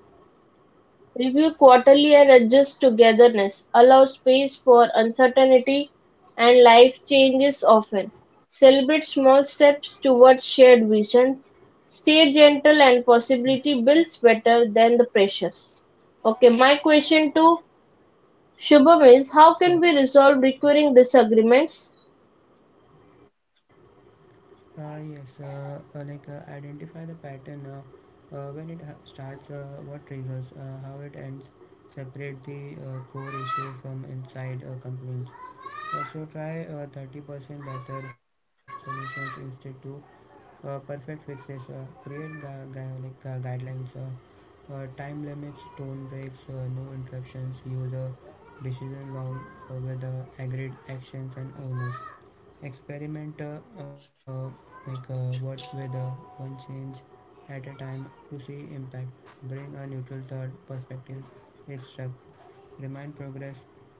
Speaker 2: Review quarterly and adjust togetherness, allow space for uncertainty and life changes often. Celebrate small steps towards shared visions. Stay gentle and
Speaker 1: Yeah.
Speaker 2: possibility builds better than the precious. Okay, my question to Shubham is how can we
Speaker 1: Okay.
Speaker 2: resolve recurring disagreements?
Speaker 1: Yes. Identify the pattern. When it starts, what triggers, how it ends. Separate the core issue from inside complaints. So try 30% better solutions instead to perfect fixes. Create guidelines, time limits, tone breaks, no interruptions. View the decision log with the agreed actions and owners. Experiment like what with one change at a time to see impact. Bring a neutral third perspective if stuck. Remind progress,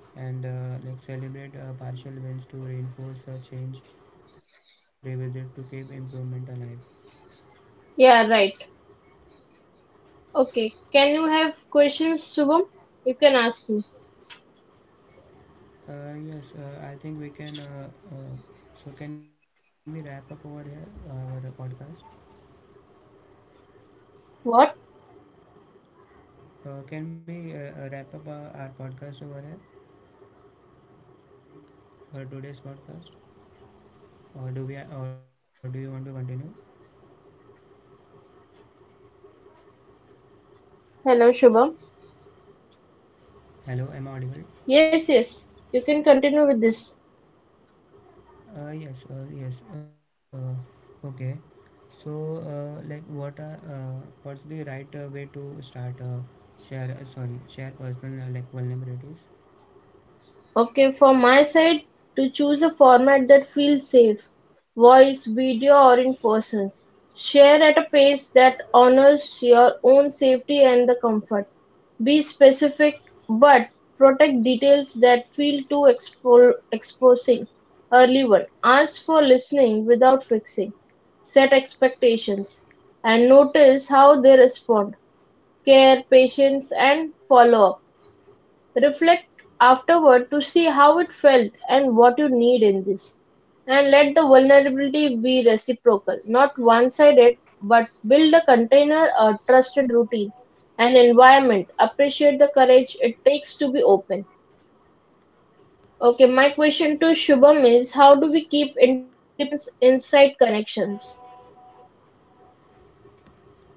Speaker 1: and like celebrate partial wins to reinforce change. Revisit to keep improvement alive.
Speaker 2: Yeah, right. Okay, can you have questions, Shubham? You can ask me.
Speaker 1: Yes, I think we can uh, so can we wrap up over here our podcast?
Speaker 2: What?
Speaker 1: Can
Speaker 2: Yeah, we
Speaker 1: we
Speaker 2: can continue
Speaker 1: wrap up
Speaker 2: this.
Speaker 1: our podcast over here, or today's podcast? Or do you want to continue?
Speaker 2: Hello, Shubham.
Speaker 1: Hello, am I audible?
Speaker 2: Yes, yes, you can continue with this.
Speaker 1: Yes, yes. Okay. So, like, what's the right way to start share? Sorry, share personal like vulnerabilities.
Speaker 2: Okay, from my side, to choose a format that feels safe voice, video, or in persons. Share at a pace that honors your own safety and the comfort. Be specific but protect details that feel too exposing. Early one. Ask for listening without fixing. Set expectations and notice how they respond. Care, patience, and follow up. Reflect afterward to see how it felt and what you need in this. And let the vulnerability be reciprocal, not one sided, but build a container, a trusted routine, an environment. Appreciate the courage it takes to be open. Okay, my question to Shubham is how do we keep independence inside connections?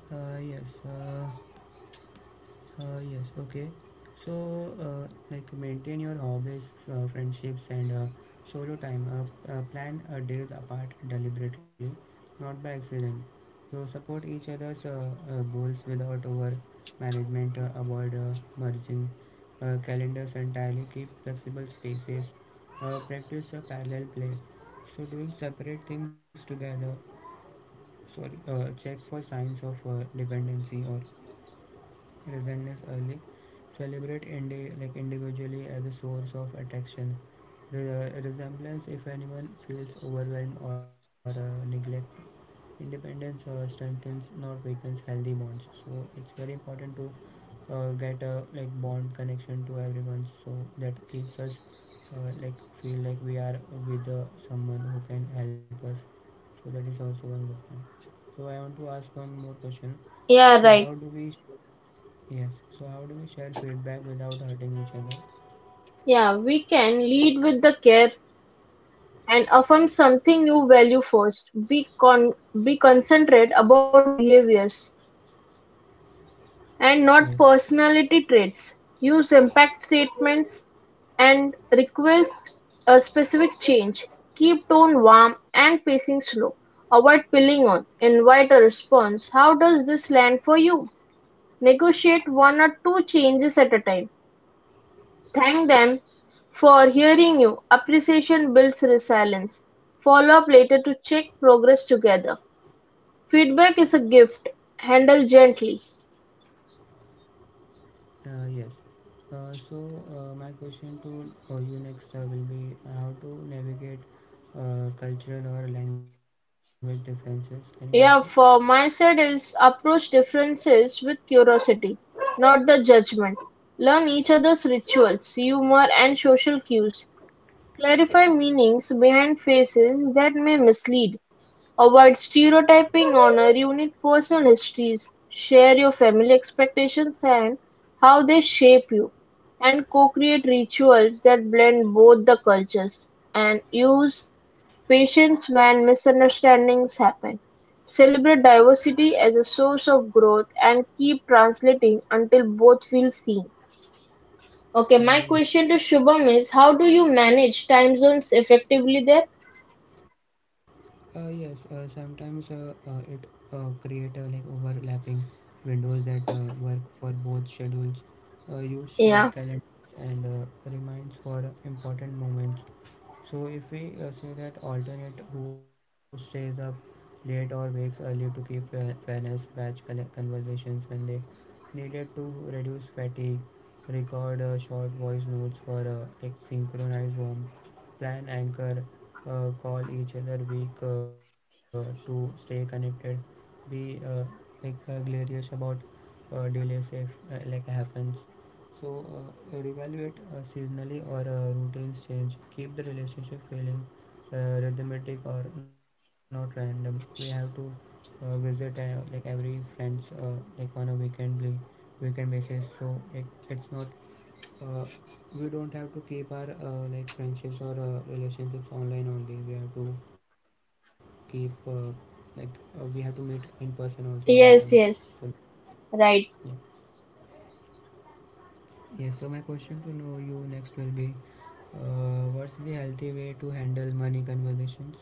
Speaker 1: Yes. Yes, okay. So, like maintain your hobbies, friendships, and solo time. Plan a days apart deliberately, not by accident. So, support each other's goals without over management. Avoid merging calendars entirely. Keep flexible spaces. Practice a parallel play, so doing separate things together. Sorry, check for signs of dependency or resentness early. Celebrate like individually as a source of attraction, resemblance if anyone feels overwhelmed or neglected. Independence strengthens, not weakens, healthy bonds. So it's very important to get a like bond connection to everyone, so that keeps us like feel like we are with someone who can help us. So that is also one good point. So I want to ask one more question.
Speaker 2: Yeah,
Speaker 1: So
Speaker 2: right.
Speaker 1: how do we... Yes. So how do we share feedback without hurting each other?
Speaker 2: Yeah, we can lead with the care and affirm something you value first. Be be concentrate about behaviors
Speaker 1: Yes.
Speaker 2: and not personality traits. Use impact statements and request a specific change. Keep tone warm and pacing slow. Avoid piling on. Invite a response. How does this land for you? Negotiate one or two changes at a time. Thank them for hearing you, appreciation builds resilience, follow up later to check progress together. Feedback is a gift, handle gently.
Speaker 1: Yes. So my question to you next will be, how to navigate cultural or language differences. Can you answer?
Speaker 2: Yeah, for my side is approach differences with curiosity, not the judgment. Learn each other's rituals, humor, and social cues. Clarify meanings behind faces that may mislead. Avoid stereotyping, honor unique personal histories, share your family expectations and how they shape you, and co-create rituals that blend both the cultures, and use patience when misunderstandings happen. Celebrate diversity as a source of growth and keep translating until both feel seen. Okay, my
Speaker 1: Yes.
Speaker 2: question to Shubham is how do you manage time zones effectively there?
Speaker 1: Yes. Sometimes it create like overlapping windows that work for both schedules. Use shared
Speaker 2: Yeah,
Speaker 1: calendars and reminds for important moments. So if we say that alternate who stays up late or wakes early to keep fairness, batch conversations when they needed to reduce fatigue, record short voice notes for like synchronized warmth, plan, anchor, call each other week to stay connected, be glorious about delays if like happens. So reevaluate seasonally or routines change. Keep the relationship feeling uh, rhythmic or not random. We have to visit like every friends like on a weekendly weekend basis. So like it's not uh, we don't have to keep our like friendships or relationships online only. We have to keep like we have to meet in person also sometimes.
Speaker 2: yes,
Speaker 1: So
Speaker 2: yes,
Speaker 1: yeah,
Speaker 2: right.
Speaker 1: yes, so my question to know you next will be, what's the healthy way to handle money conversations?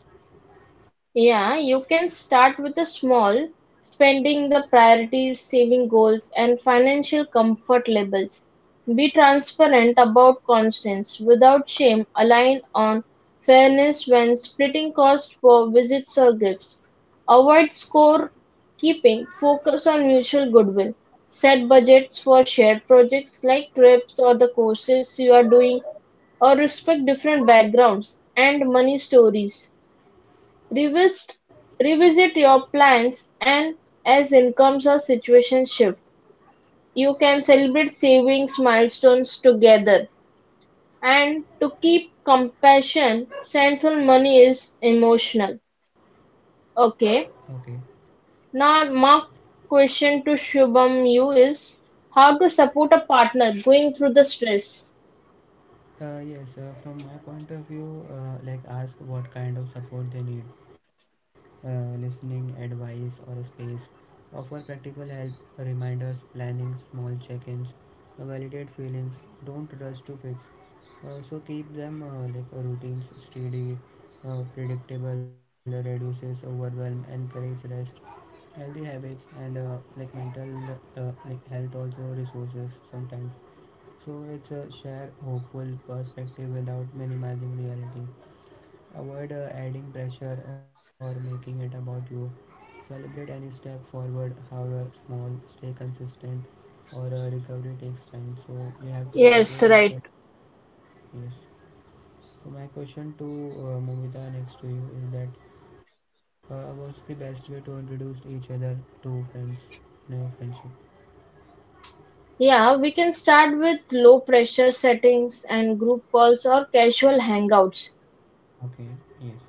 Speaker 2: Yeah, you can start with a small spending the priorities, saving goals, and financial comfort levels. Be transparent about constants without shame, align on fairness when splitting costs for visits or gifts. Avoid score keeping, focus on mutual goodwill. Set budgets for shared projects like trips or the courses you are doing, or respect different backgrounds and money stories. Revisit revisit your plans and, as incomes or situations shift, you can celebrate savings milestones together. And to keep compassion, central money is emotional.
Speaker 1: Okay.
Speaker 2: Okay. Now my question to Shubham you is how to support a partner going through the stress.
Speaker 1: Yes, from my point of view, like ask what kind of support they need, listening, advice, or a space. Offer practical help, reminders, planning, small check-ins, validate feelings. Don't rush to fix. So keep them routines steady, predictable, reduces overwhelm. Encourage rest, healthy habits, and like mental like health also resources sometimes. So it's a share hopeful perspective without minimizing reality. Avoid adding pressure or making it about you. Celebrate any step forward, however small, stay consistent, or recovery takes time. So we have to
Speaker 2: Yes,
Speaker 1: support each
Speaker 2: right.
Speaker 1: other. Yes. So my question to Mumita next to you is that what's the best way to introduce each other to friends in a friendship?
Speaker 2: Yeah, we can start with low pressure settings and group calls or casual hangouts.
Speaker 1: Okay, yes.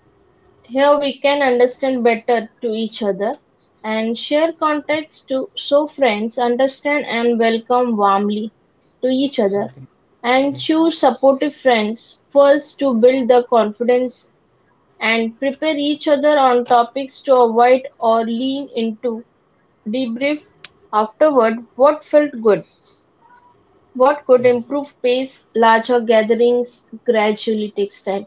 Speaker 2: Here we can understand better to each other and share context to so friends understand and welcome warmly to each other
Speaker 1: Okay,
Speaker 2: and
Speaker 1: yes,
Speaker 2: choose supportive friends first to build the confidence and prepare each other on topics to avoid or lean into debrief afterward what felt good what could
Speaker 1: yes.
Speaker 2: improve pace, larger gatherings gradually takes time.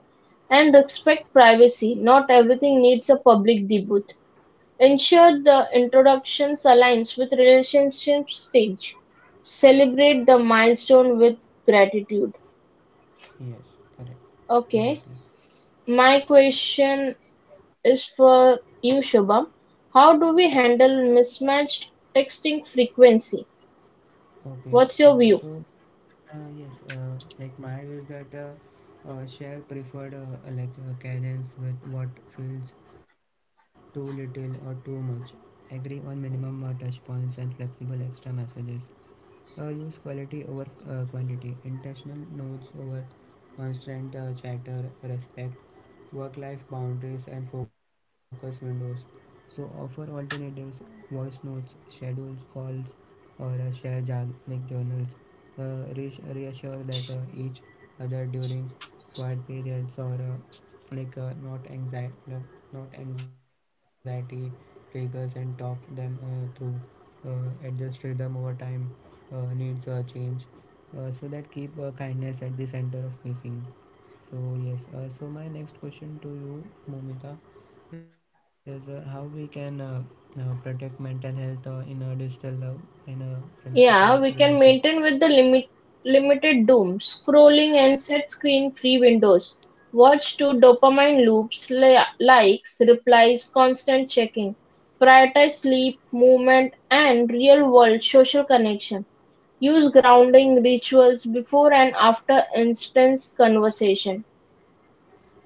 Speaker 2: And respect privacy. Not everything needs a public debut. Ensure the introductions aligns with relationship stage. Celebrate the milestone with gratitude.
Speaker 1: Yes, correct.
Speaker 2: Okay.
Speaker 1: Exactly.
Speaker 2: My question is for you, Shubham. How do we handle mismatched texting frequency?
Speaker 1: Okay.
Speaker 2: What's your view?
Speaker 1: So, yes, like my view is that share preferred cadence with what feels too little or too much. Agree on minimum touch points and flexible extra messages. Use quality over quantity, intentional nodes over constant chatter, respect, work life boundaries, and focus windows. So, offer alternatives, voice notes, schedules, calls, or share like journals. Uh, reassure that each other during quiet periods or not anxiety triggers, and talk them through. Adjust rhythm over time needs a change, so that keep kindness at the center of missing. So yes, so my next question to you, Momita, is how we can protect mental health in a digital love in a friendship or a
Speaker 2: Yeah, we
Speaker 1: relationship.
Speaker 2: can maintain with the limited doom, scrolling and set screen free windows. Watch to dopamine loops, likes, replies, constant checking. Prioritize sleep, movement, and real world social connection. Use grounding rituals before and after instance conversation.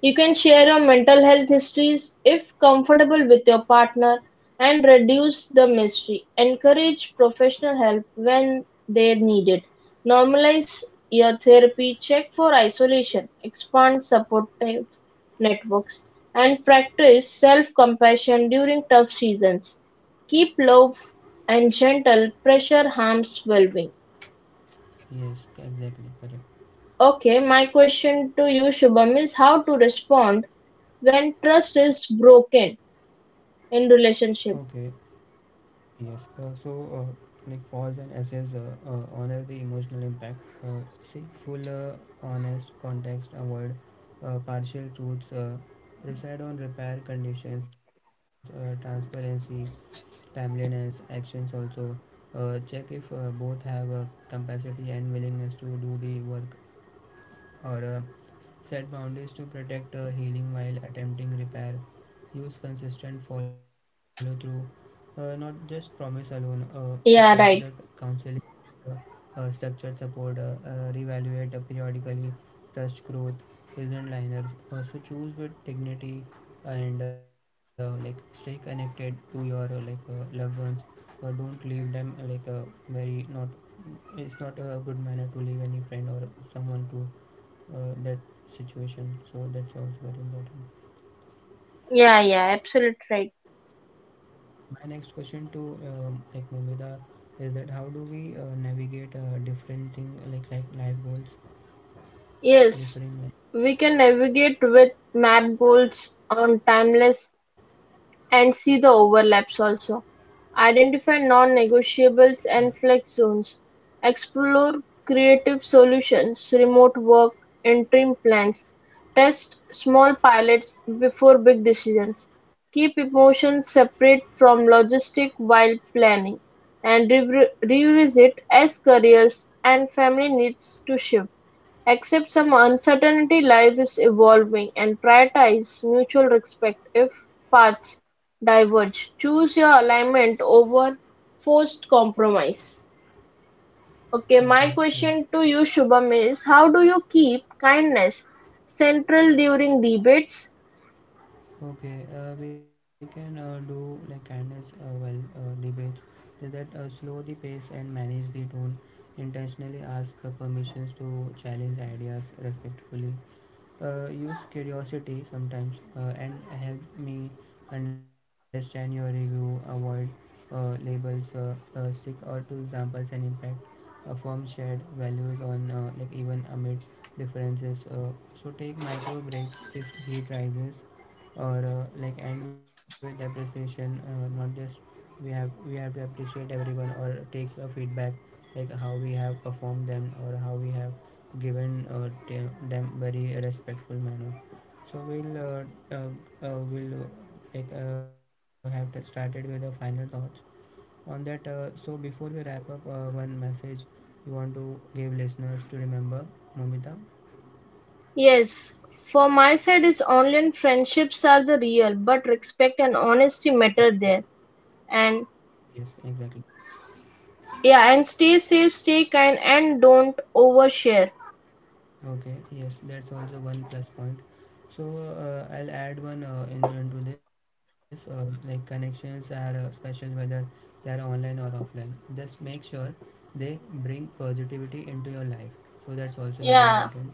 Speaker 2: You can share your mental health histories if comfortable with your partner and reduce the mystery. Encourage professional help when they need it. Normalize your therapy, check for isolation, expand supportive networks, and practice self compassion during tough seasons. Keep low and gentle, pressure harms well being.
Speaker 1: Yes, exactly, correct.
Speaker 2: Okay, my question to you, Shubham, is how to respond when trust is broken in
Speaker 1: Okay.
Speaker 2: relationship.
Speaker 1: Yes, so like pause and assess, honor the emotional impact, uh, seek full, honest context, avoid partial truths, decide on repair conditions, transparency, timeliness, actions also. Check if both have capacity and willingness to do the work, or set boundaries to protect healing while attempting repair. Use consistent follow through, not just promise alone. Like consider
Speaker 2: Yeah, right.
Speaker 1: counseling, uh, structured support, reevaluate periodically, trust growth, isn't liners. So choose with dignity and like stay connected to your loved ones. Don't leave them very not. It's not a good manner to leave any friend or someone to that situation, so that's also very important.
Speaker 2: Yeah, yeah, absolutely right.
Speaker 1: My next question to like Mumida is that how do we navigate different thing, like life goals
Speaker 2: Yes,
Speaker 1: differing,
Speaker 2: we can navigate with map goals on timeless and see the overlaps also. Identify
Speaker 1: like yeah.
Speaker 2: non-negotiables and flex zones. Explore creative solutions, remote work, interim plans. Test small pilots before big decisions. Keep emotions separate from logistic while planning and revisit as careers and family needs to shift. Accept some uncertainty, life is evolving, and prioritize mutual respect if paths diverge, choose your alignment over forced compromise. Okay,
Speaker 1: Okay,
Speaker 2: my
Speaker 1: yes.
Speaker 2: question to you, Shubham, is how do you keep kindness central during debates?
Speaker 1: Okay, we can do like kindness well debates, is that slow the pace and manage the tone, intentionally ask for permissions to challenge ideas respectfully. Use curiosity sometimes and help me understand your review, avoid labels, stick or to examples and impact, form shared values on like even amid differences. So take micro breaks if heat rises or like end with appreciation, not just. We have to appreciate everyone or take feedback, like how we have performed them or how we have given them very respectful manner. So we'll have to started with the final thoughts on that. So before we wrap up, one message you want to give listeners to remember, Momita.
Speaker 2: Yes, for my side is online friendships are the real but respect and honesty matter there. And
Speaker 1: Yes, exactly.
Speaker 2: yeah, and stay safe, stay kind, and don't overshare.
Speaker 1: Okay, yes, that's also one plus point. So I'll add one into this. Like connections are special whether they are online or offline. Just make sure they bring positivity into your life. So that's also very
Speaker 2: Yeah,
Speaker 1: important.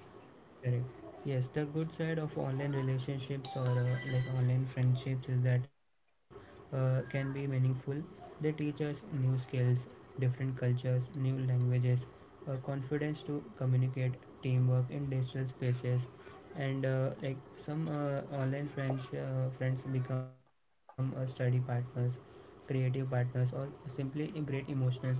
Speaker 1: Correct. Yes, the good side of online relationships or like online friendships is that can be meaningful. They teach us new skills, different cultures, new languages, confidence to communicate, teamwork in digital spaces, and like some online friends, friends become study partners, creative partners, or simply great emotionals also,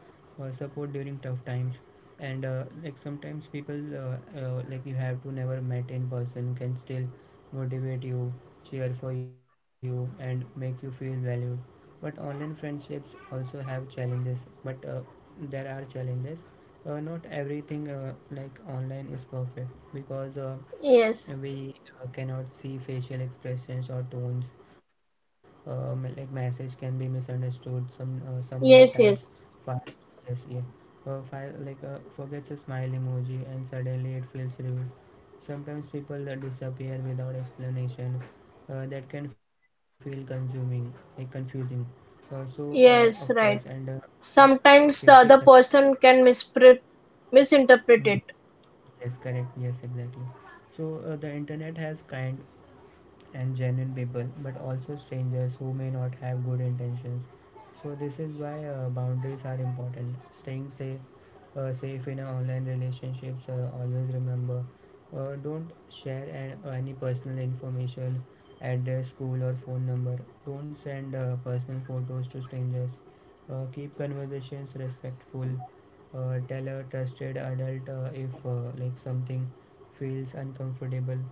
Speaker 1: or support during tough times. And like sometimes people like you have to never met in person can still motivate you, cheer for you, and make you feel valued. But online friendships also have challenges. But uh, there are challenges, not everything like online is perfect, because
Speaker 2: yes,
Speaker 1: we cannot see facial expressions or tones. Like message can be misunderstood. Some someone types
Speaker 2: yes, yes,
Speaker 1: fast. Yes, yeah. Forgets a smile emoji and suddenly it feels rude. Sometimes people disappear without explanation. That can feel consuming, like confusing. Of course.
Speaker 2: yes,
Speaker 1: and uh,
Speaker 2: right.
Speaker 1: there are safety
Speaker 2: Sometimes the
Speaker 1: con-
Speaker 2: other person can misinterpret
Speaker 1: Mm,
Speaker 2: it.
Speaker 1: yes, correct, yes, exactly. So the internet has kind and genuine people, but also strangers who may not have good intentions. So this is why boundaries are important. Staying safe, safe in online relationships. Always remember, don't share any personal information, address, school, or phone number. Don't send personal photos to strangers. Keep conversations respectful. Tell a trusted adult if like something feels uncomfortable.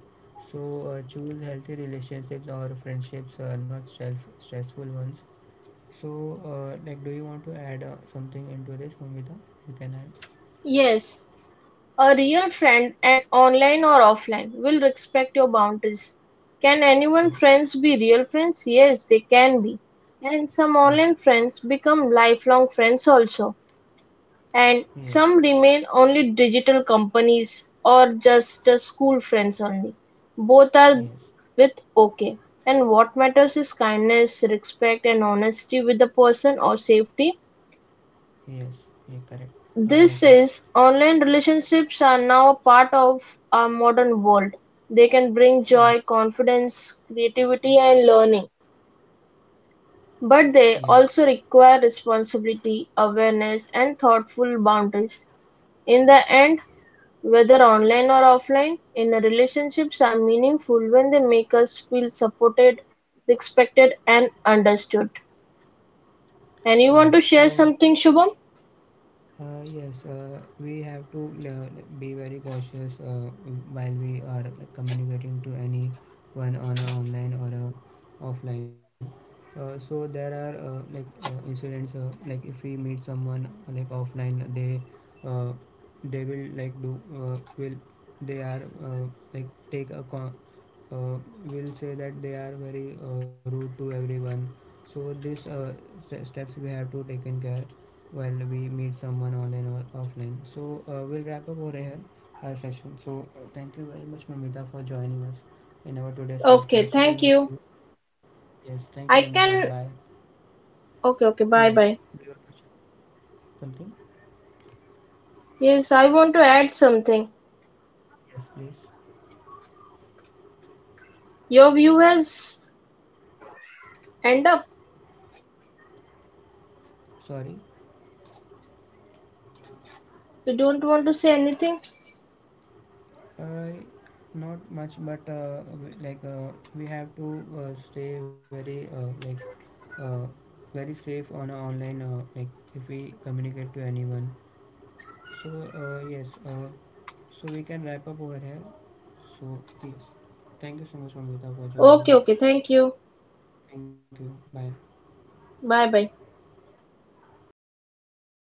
Speaker 1: So choose healthy relationships or friendships, not self stressful ones. So like, do you want to add something into this, Mamita? You can add.
Speaker 2: Yes, a real friend, and online or offline, will respect your boundaries. Can anyone
Speaker 1: Correct.
Speaker 2: friends be real friends? Yes, they can be. And some
Speaker 1: Yes.
Speaker 2: online friends become lifelong friends also. And
Speaker 1: Yes.
Speaker 2: some remain only digital companies or just school friends only. Both are
Speaker 1: Yes.
Speaker 2: with okay. And what matters is kindness, respect, and honesty with the person or safety.
Speaker 1: Yes. Yeah. Correct. Exactly.
Speaker 2: This is online relationships are now a part of our modern world. They can bring
Speaker 1: Yes.
Speaker 2: joy, confidence, creativity, and learning, but
Speaker 1: Yes.
Speaker 2: they also require responsibility, awareness, and thoughtful boundaries. In the end, whether online or offline, inner relationships are meaningful when they make us feel supported, respected, and understood. And you
Speaker 1: Yes.
Speaker 2: want to share
Speaker 1: So
Speaker 2: something, Shubham?
Speaker 1: Yes, we have to be very cautious while we are, like, communicating to anyone on a online or a offline. So there are like incidents like if we meet someone like offline, uh, they will like do will they are like take a con- uh, will say that they are very rude to everyone. So these steps we have to take in care while we meet someone online or offline. So we'll wrap up over here our session. So thank you very much, Mamita, for joining us in our today's
Speaker 2: Okay,
Speaker 1: podcast. We'll
Speaker 2: thank
Speaker 1: meet
Speaker 2: you.
Speaker 1: you. Yes, thank you,
Speaker 2: I
Speaker 1: Mamita. Bye.
Speaker 2: can. Okay, okay,
Speaker 1: Yes,
Speaker 2: bye
Speaker 1: do
Speaker 2: bye.
Speaker 1: you want to share something?
Speaker 2: Yes, I want to add something.
Speaker 1: Yes, please.
Speaker 2: Your view has end up.
Speaker 1: Sorry,
Speaker 2: You don't want to say anything?
Speaker 1: uh, not much, but like we have to stay very like uh, very safe on online like if we communicate to anyone. So yes. So we can wrap up over here. So yes, thank you so much, Amrita, for
Speaker 2: Okay,
Speaker 1: joining
Speaker 2: okay,
Speaker 1: in.
Speaker 2: thank you.
Speaker 1: Thank you. Bye.
Speaker 2: Bye bye.